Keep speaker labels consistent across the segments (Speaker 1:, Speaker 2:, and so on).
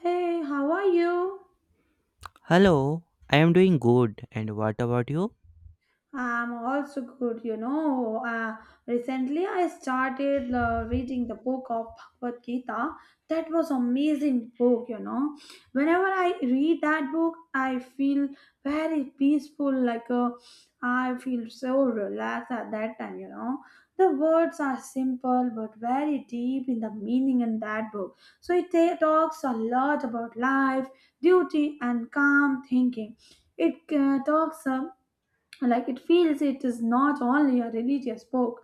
Speaker 1: Hey, how are you?
Speaker 2: Hello, I am doing good. And what about you?
Speaker 1: I'm also good, you know. Recently, I started reading the book of Bhagavad Gita. That was amazing book, you know. Whenever I read that book, I feel very peaceful. Like I feel so relaxed at that time, you know. The words are simple but very deep in the meaning in that book. So it talks a lot about life, duty, and calm thinking. It talks. Like it feels it is not only a religious book,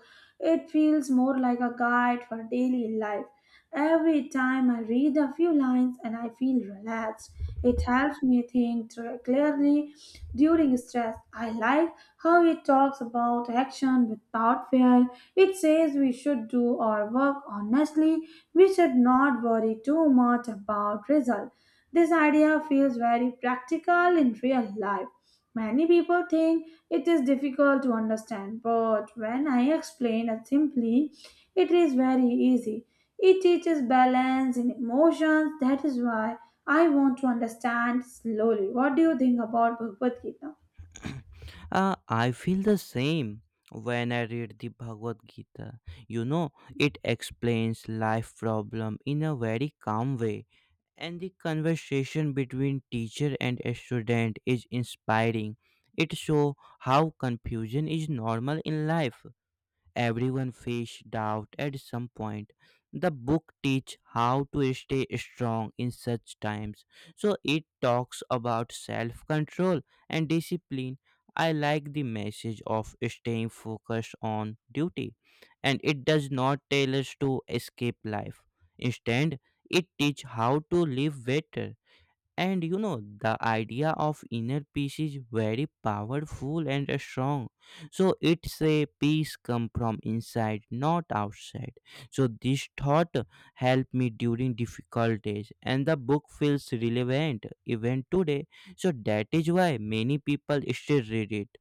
Speaker 1: it feels more like a guide for daily life. Every time I read a few lines and I feel relaxed, it helps me think clearly during stress. I like how it talks about action without fear. It says we should do our work honestly, we should not worry too much about result. This idea feels very practical in real life. Many people think it is difficult to understand, but when I explain it simply, it is very easy. It teaches balance in emotions. That is why I want to understand slowly. What do you think about Bhagavad Gita?
Speaker 2: I feel the same when I read the Bhagavad Gita. You know, it explains life problem in a very calm way. And the conversation between teacher and a student is inspiring. It shows how confusion is normal in life. Everyone faces doubt at some point. The book teach how to stay strong in such times. So it talks about self-control and discipline. I like the message of staying focused on duty and it does not tell us to escape life. Instead, it teach how to live better. And you know, the idea of inner peace is very powerful and strong. So it's a peace come from inside, not outside. So this thought helped me during difficult days, and the book feels relevant even today. So that is why many people still read it.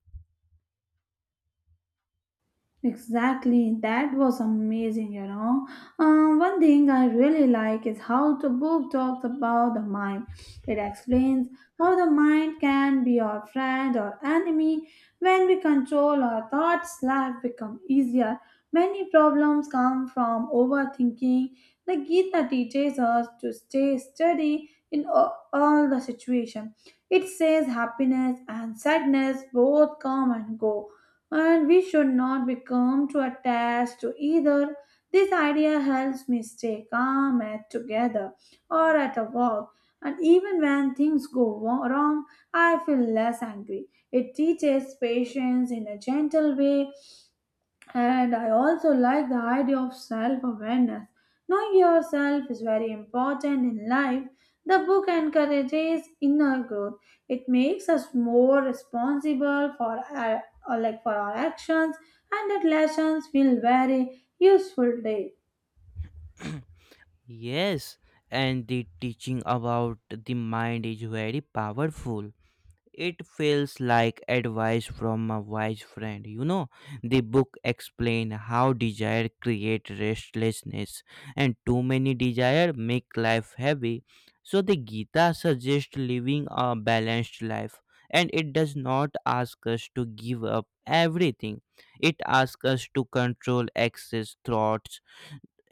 Speaker 1: Exactly, that was amazing, you know. One thing I really like is how the book talks about the mind. It explains how the mind can be our friend or enemy. When we control our thoughts, life becomes easier. Many problems come from overthinking. The Gita teaches us to stay steady in all the situation. It says happiness and sadness both come and go, and we should not become too attached to either. This idea helps me stay calm at together or at a walk, and even when things go wrong, I feel less angry. It teaches patience in a gentle way, and I also like the idea of self awareness. Knowing yourself is very important in life. The book encourages inner growth. It makes us more responsible for our, or like for our actions, and that lessons feel very useful today.
Speaker 2: Yes, and the teaching about the mind is very powerful. It feels like advice from a wise friend. You know, the book explains how desire creates restlessness, and too many desire make life heavy. So the Gita suggests living a balanced life, and it does not ask us to give up everything. It asks us to control excess thoughts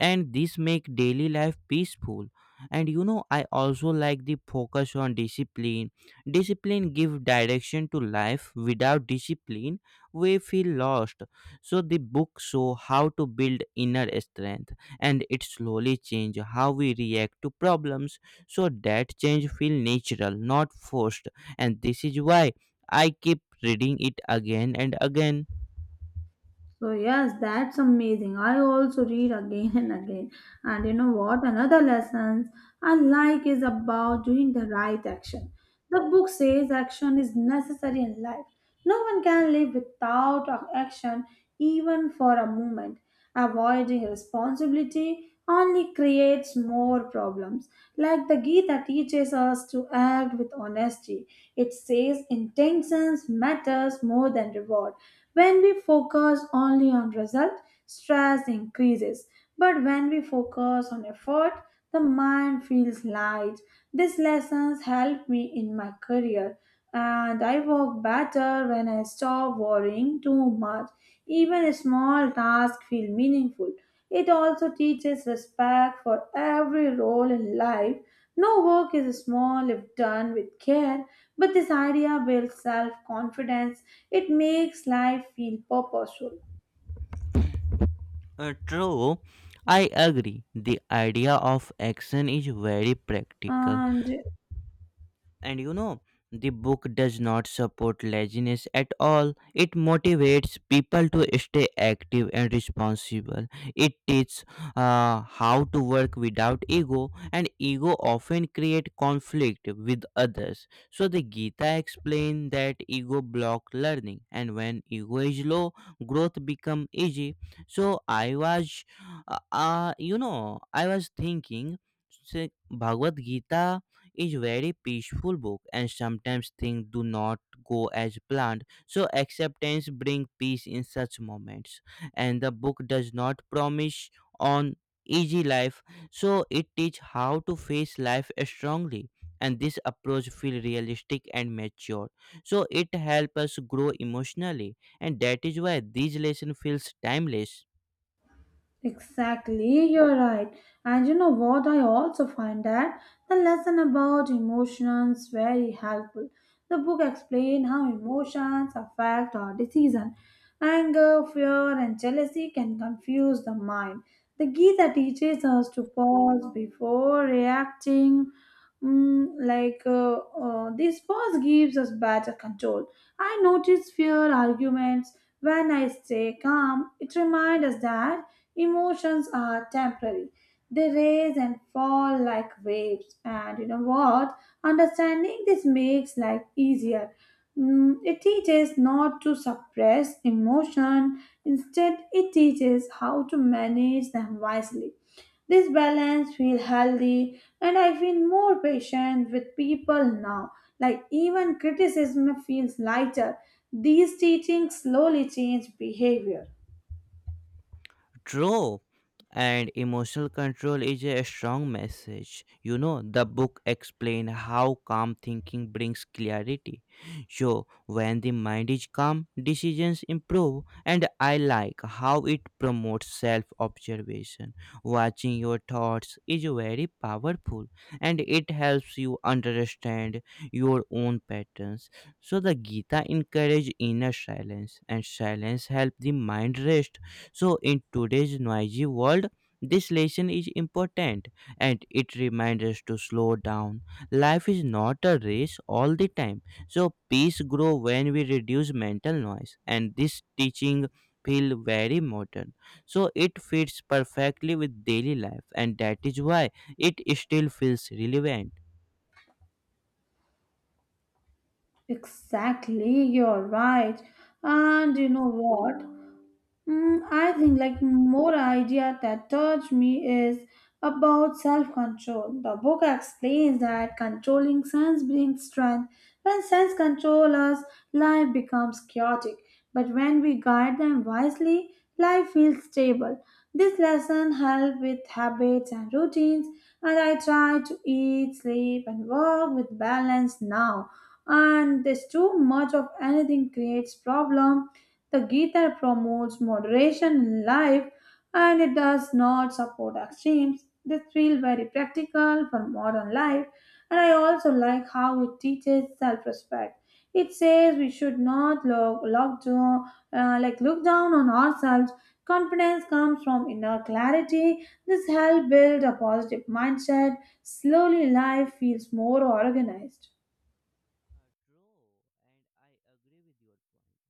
Speaker 2: and this make daily life peaceful. And you know, I also like the focus on discipline. Discipline give direction to life. Without discipline we feel lost. So the book show how to build inner strength and it slowly change how we react to problems. So that change feel natural, not forced. And this is why I keep reading it again and again.
Speaker 1: So yes, that's amazing. I also read again and again. And you know what? Another lessons I like is about doing the right action. The book says action is necessary in life. No one can live without action even for a moment. Avoiding responsibility only creates more problems. Like the Gita teaches us to act with honesty. It says intentions matters more than reward. When we focus only on result, stress increases. But when we focus on effort, the mind feels light. These lessons help me in my career, and I work better when I stop worrying too much. Even a small tasks feel meaningful. It also teaches respect for every role in life. No work is small if done with care, but this idea builds self confidence. It makes life feel purposeful.
Speaker 2: True, I agree. The idea of action is very practical.
Speaker 1: And
Speaker 2: And you know, the book does not support laziness at all. It motivates people to stay active and responsible. It teaches how to work without ego, and ego often create conflict with others. So the Gita explained that ego block learning, and when ego is low, growth become easy. So I was you know, I was thinking, say, Bhagavad Gita is very peaceful book, and sometimes things do not go as planned. So acceptance brings peace in such moments. And the book does not promise on easy life. So it teach how to face life strongly, and this approach feel realistic and mature. So it help us grow emotionally, and that is why these lesson feels timeless.
Speaker 1: exactly, you're right. And you know what? I also find that the lesson about emotions very helpful. The book explains how emotions affect our decision. Anger, fear, and jealousy can confuse the mind. The Gita teaches us to pause before reacting. This pause gives us better control. I notice fear arguments when I stay calm. It reminds us that emotions are temporary. They rise and fall like waves. And you know what? Understanding this makes life easier. It teaches not to suppress emotion. Instead, it teaches how to manage them wisely. This balance feels healthy and I feel more patient with people now. Like even criticism feels lighter. These teachings slowly change behavior.
Speaker 2: True. And emotional control is a strong message. You know, the book explains how calm thinking brings clarity. So, when the mind is calm, decisions improve. And I like how it promotes self observation. Watching your thoughts is very powerful and it helps you understand your own patterns. So, the Gita encourages inner silence, and silence helps the mind rest. So, in today's noisy world, this lesson is important and it reminds us to slow down. Life is not a race all the time. So, peace grows when we reduce mental noise, and this teaching feel very modern. So it fits perfectly with daily life, and that is why it still feels relevant.
Speaker 1: Exactly, you're right. And you know what? I think like more idea that touched me is about self-control. The book explains that controlling sense brings strength. When sense control us, life becomes chaotic. But when we guide them wisely, life feels stable. This lesson help with habits and routines, and I try to eat, sleep, and work with balance now. And there's too much of anything creates problem. The Gita promotes moderation in life and it does not support extremes. This feels very practical for modern life, and I also like how it teaches self respect. It says we should not look, look down, like look down on ourselves. Confidence comes from inner clarity. This helps build a positive mindset. Slowly, life feels more organized.
Speaker 2: True, and I agree with your point.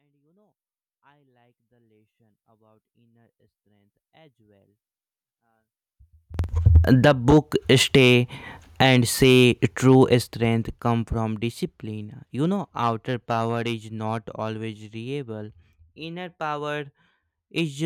Speaker 2: And you know, I like the lesson about inner strength as well. The book Stay and Say True Strength Come from Discipline. You know, outer power is not always reliable. Inner power is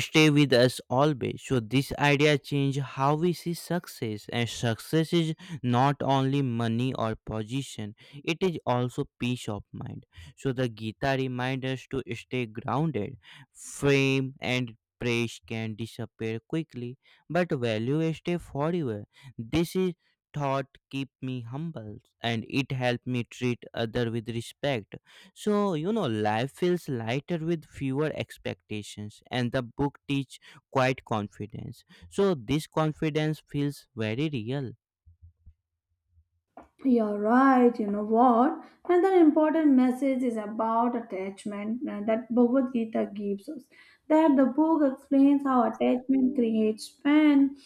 Speaker 2: stay with us always. So this idea change how we see success, and success is not only money or position, it is also peace of mind. So the Gita reminds us to stay grounded. Fame and praise can disappear quickly, but value stay forever. This is thought keep me humble, and it help me treat other with respect. So you know, life feels lighter with fewer expectations, and the book teach quite confidence. So this confidence feels very real.
Speaker 1: You're right, you know what? Another important message is about attachment, that Bhagavad Gita gives us. That the book explains how attachment creates pain,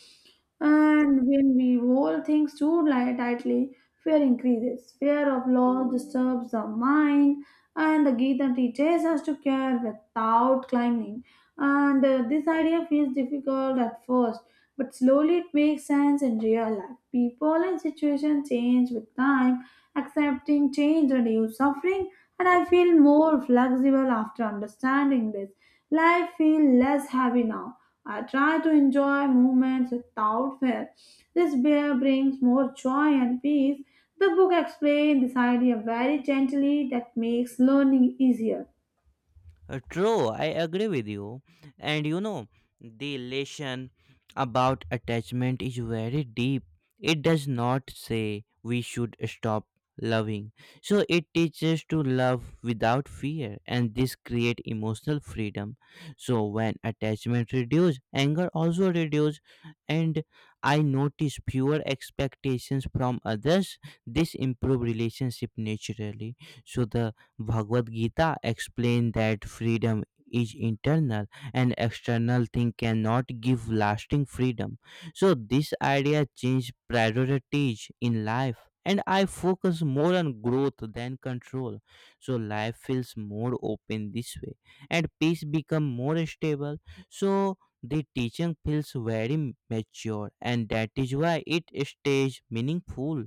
Speaker 1: and when we hold things too tightly, fear increases. Fear of loss disturbs the mind, and the Gita teaches us to care without clinging. And this idea feels difficult at first, but slowly it makes sense in real life. People and situations change with time. Accepting change reduces suffering, and I feel more flexible after understanding this. Life feels less heavy now. I try to enjoy moments without fear. This bear brings more joy and peace. The book explains this idea very gently that makes learning easier.
Speaker 2: True, I agree with you. And you know, the lesson about attachment is very deep. It does not say we should stop loving. So it teaches to love without fear, and this create emotional freedom. So when attachment reduce, anger also reduce, and I notice fewer expectations from others. This improve relationship naturally. So the Bhagavad Gita explained that freedom is internal, and external thing cannot give lasting freedom. So this idea changed priorities in life, and I focus more on growth than control. So life feels more open this way, and peace become more stable. So the teaching feels very mature, and that is why it stays meaningful.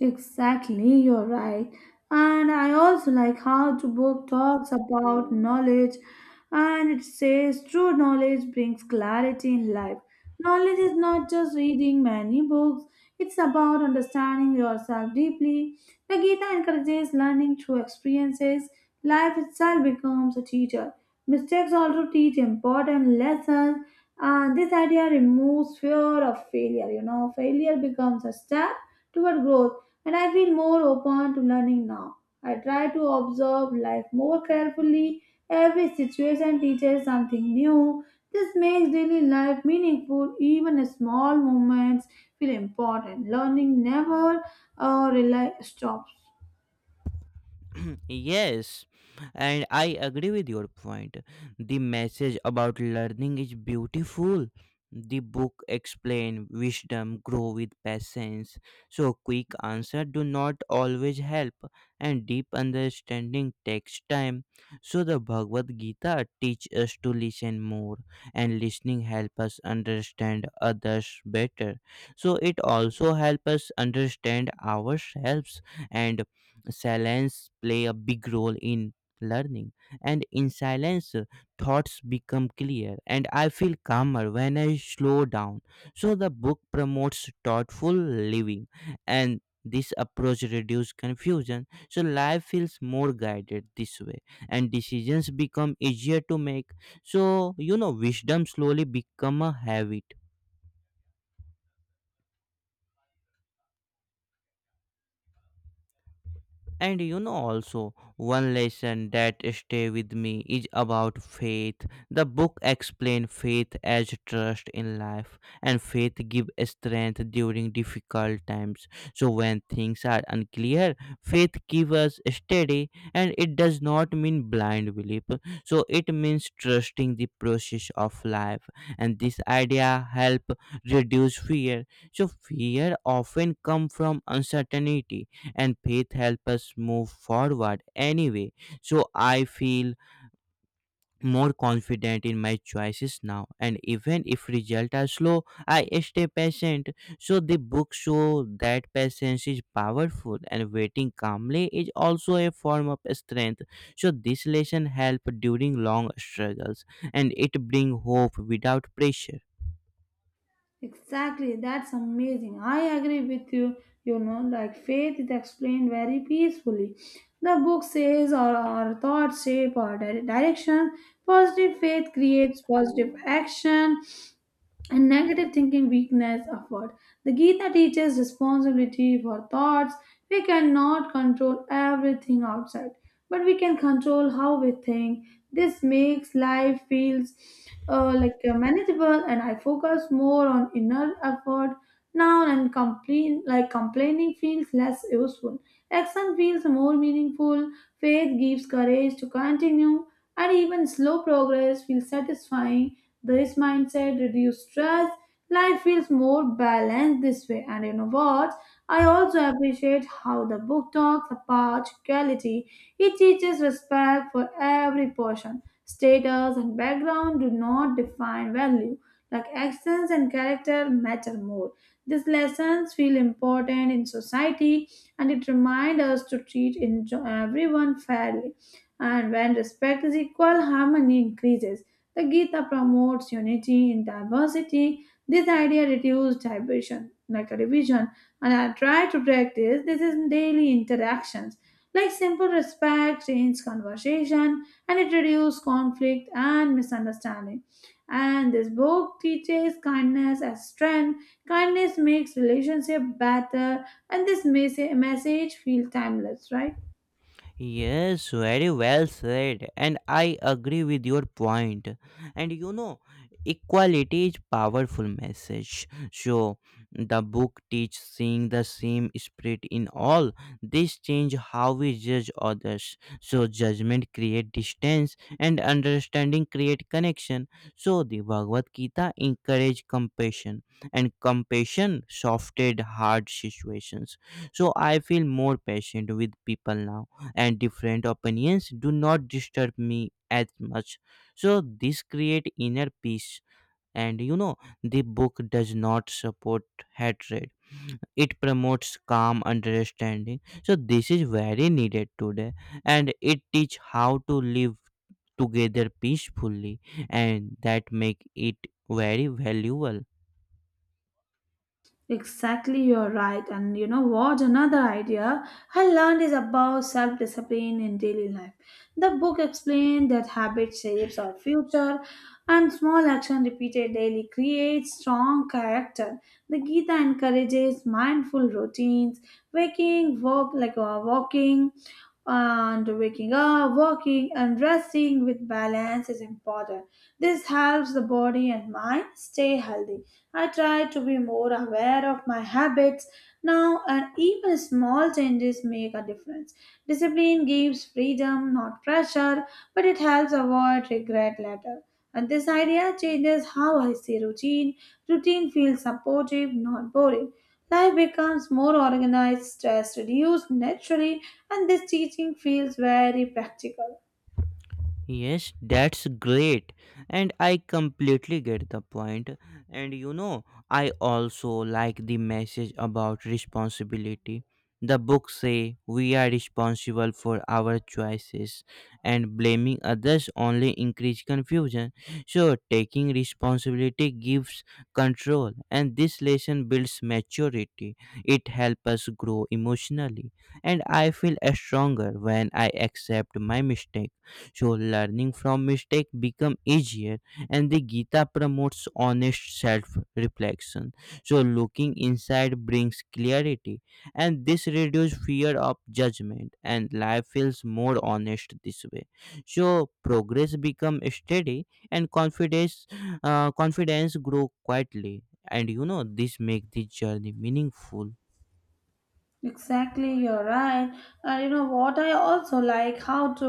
Speaker 1: Exactly, you're right. And I also like how the book talks about knowledge, and it says true knowledge brings clarity in life. Knowledge is not just reading many books, it's about understanding yourself deeply. The Gita encourages learning through experiences. Life itself becomes a teacher. Mistakes also teach important lessons, and this idea removes fear of failure. You know, failure becomes a step toward growth, and I feel more open to learning now. I try to observe life more carefully. Every situation teaches something new. This makes daily life meaningful. Even small moments feel important. Learning never rely stops.
Speaker 2: Yes, and I agree with your point. The message about learning is beautiful. The book explain wisdom grow with patience. So quick answer do not always help, and deep understanding takes time. So the Bhagavad Gita teach us to listen more, and listening help us understand others better. So it also help us understand ourselves, and silence play a big role in learning. And in silence, thoughts become clear, and I feel calmer when I slow down. So the book promotes thoughtful living, and this approach reduces confusion. So life feels more guided this way, and decisions become easier to make. So you know, wisdom slowly become a habit. And you know, also one lesson that stay with me is about faith. The book explain faith as trust in life, and faith give strength during difficult times. So when things are unclear, faith gives us steady, and it does not mean blind belief. So it means trusting the process of life, and this idea help reduce fear. So fear often come from uncertainty, and faith help us move forward anyway. So I feel more confident in my choices now, and even if results are slow, I stay patient. So the book show that patience is powerful, and waiting calmly is also a form of strength. So this lesson help during long struggles, and it bring hope without pressure.
Speaker 1: Exactly, that's amazing. I agree with you. You know, like faith is explained very peacefully. The book says our thoughts shape our direction. Positive faith creates positive action, and negative thinking weakness afford. The Gita teaches responsibility for thoughts. We cannot control everything outside, but we can control how we think. This makes life feels manageable, and I focus more on inner effort now. And complain like complaining feels less useful. Action feels more meaningful. Faith gives courage to continue, and even slow progress feels satisfying. This mindset reduces stress. Life feels more balanced this way. And you know what? I also appreciate how the book talks about equality. It teaches respect for every person. Status and background do not define value. Like actions and character matter more. These lessons feel important in society, and it reminds us to treat everyone fairly. And when respect is equal, harmony increases. The Gita promotes unity in diversity. This idea reduces division, like a division, and I try to practice this in daily interactions, like simple respect, change conversation, and it reduces conflict and misunderstanding. And this book teaches kindness as strength. Kindness makes relationship better, and this message feel timeless, right?
Speaker 2: Yes, very well said, and I agree with your point. And you know, equality is powerful message. So the book teaches seeing the same spirit in all. This change how we judge others. So judgment create distance, and understanding create connection. So the Bhagavad Gita encourage compassion, and compassion softened hard situations. So I feel more patient with people now, and different opinions do not disturb me as much. So this create inner peace. And you know, the book does not support hatred, it promotes calm understanding. So this is very needed today, and it teach how to live together peacefully, and that make it very valuable.
Speaker 1: Exactly, you're right. And you know what? Another idea I learned is about self discipline in daily life. The book explained that habit shapes our future, and small action repeated daily creates strong character. The Gita encourages mindful routines, waking, walk like walking, and waking up, walking, and resting with balance is important. This helps the body and mind stay healthy. I try to be more aware of my habits now, and even small changes make a difference. Discipline gives freedom, not pressure, but it helps avoid regret later. And this idea changes how I see routine. Routine feels supportive, not boring. Life becomes more organized, stress reduced naturally, and this teaching feels very practical.
Speaker 2: Yes, that's great. And I completely get the point. And you know, I also like the message about responsibility. The book say we are responsible for our choices, and blaming others only increase confusion. So taking responsibility gives control, and this lesson builds maturity. It helps us grow emotionally, and I feel stronger when I accept my mistake. So learning from mistake become easier, and the Gita promotes honest self reflection. So looking inside brings clarity, and this reduces fear of judgment, and life feels more honest this way. So progress become steady, and confidence grow quietly. And you know, this make the journey meaningful.
Speaker 1: Exactly, you're right. And you know what? I also like how to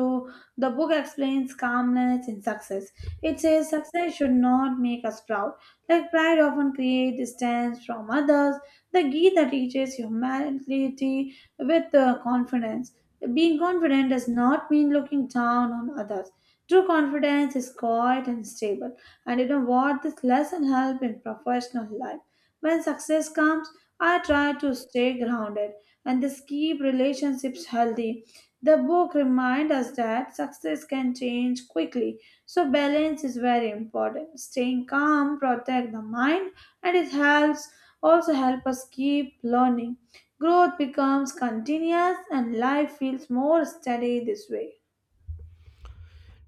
Speaker 1: the book explains calmness in success. It says success should not make us proud. Like pride often creates distance from others. The Gita teaches humanity with confidence. Being confident does not mean looking down on others. True confidence is quiet and stable. And you know what? This lesson help in professional life. When success comes, I try to stay grounded, and this keep relationships healthy. The book reminds us that success can change quickly, so balance is very important. Staying calm protect the mind, and it helps also help us keep learning. Growth becomes continuous, and life feels more steady this way.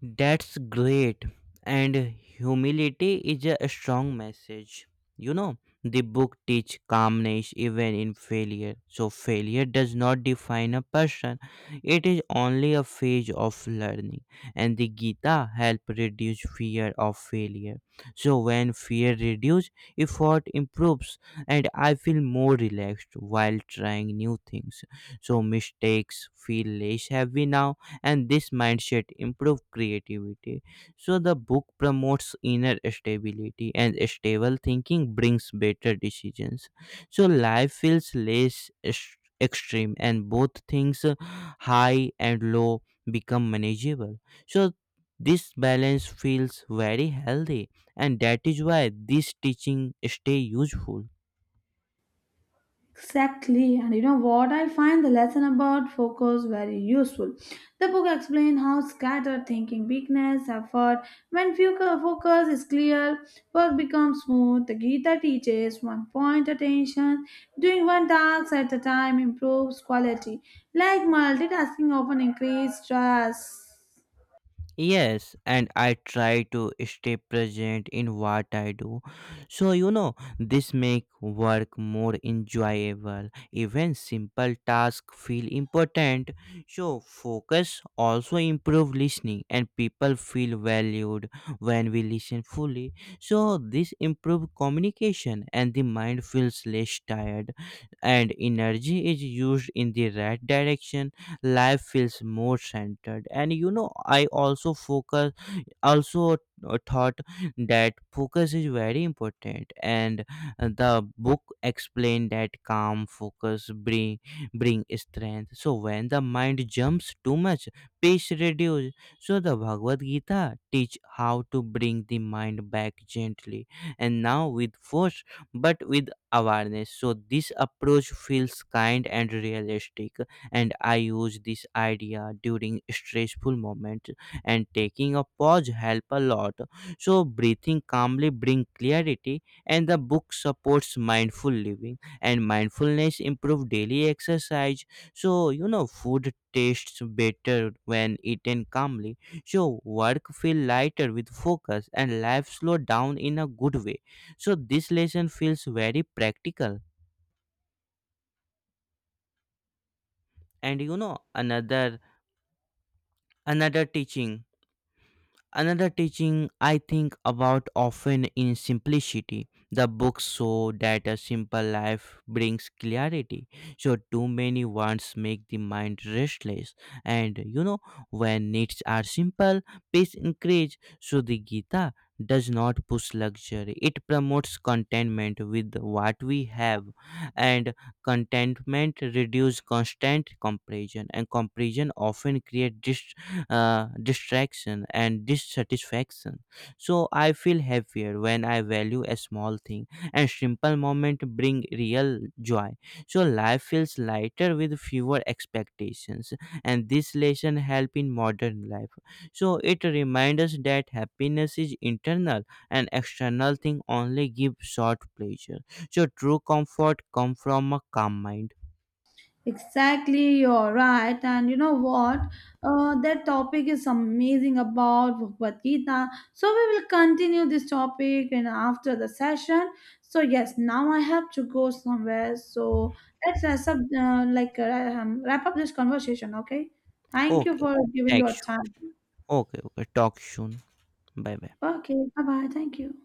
Speaker 2: That's great. And humility is a strong message. You know, the book teach calmness even in failure. So failure does not define a person. It is only a phase of learning. And the Gita help reduce fear of failure. So when fear reduce, effort improves, and I feel more relaxed while trying new things. So mistakes feel less heavy now, and this mindset improve creativity. So the book promotes inner stability, and stable thinking brings better decisions. So life feels less extreme, and both things, high and low, become manageable. So this balance feels very healthy, and that is why this teaching stay useful.
Speaker 1: Exactly, and you know what? I find the lesson about focus very useful. The book explains how scattered thinking, weakness, effort. When focus is clear, work becomes smooth. The Gita teaches one point attention. Doing one task at a time improves quality. Like multitasking often increases stress.
Speaker 2: Yes, and I try to stay present in what I do. So, you know, this make work more enjoyable. Even simple tasks feel important. So, focus also improve listening, and people feel valued when we listen fully. So, this improve communication, and the mind feels less tired, and energy is used in the right direction. Life feels more centered. And you know, I also thought that focus is very important. And the book explained that calm focus bring strength. So when the mind jumps too much, pace reduce. So the Bhagavad Gita teach how to bring the mind back gently, and now with force, but with awareness. So this approach feels kind and realistic, and I use this idea during stressful moments, and taking a pause help a lot. So breathing calmly bring clarity, and the book supports mindful living, and mindfulness improve daily exercise. So you know, food tastes better when eaten calmly. So work feel lighter with focus, and life slow down in a good way. So this lesson feels very practical. And you know, another teaching Another teaching I think about often in simplicity. The books show that a simple life brings clarity. So too many wants make the mind restless. And you know, when needs are simple, peace increase. So the Gita does not push luxury. It promotes contentment with what we have. And contentment reduces constant comparison, and comparison often creates distraction and dissatisfaction. So I feel happier when I value a small thing, and simple moment bring real joy. So life feels lighter with fewer expectations, and this lesson help in modern life. So it reminds us that happiness is internal, and external thing only give short pleasure. So true comfort come from a calm mind.
Speaker 1: Exactly, you're right. And you know what? That topic is amazing about Bhagavad Gita. So we will continue this topic and after the session. So yes, now I have to go somewhere. So let's wrap up, wrap up this conversation. Okay. Thank you
Speaker 2: Okay,
Speaker 1: for
Speaker 2: okay.
Speaker 1: giving your
Speaker 2: Thanks.
Speaker 1: time.
Speaker 2: Okay, okay. Talk soon. Bye bye.
Speaker 1: Okay. Bye bye. Thank you.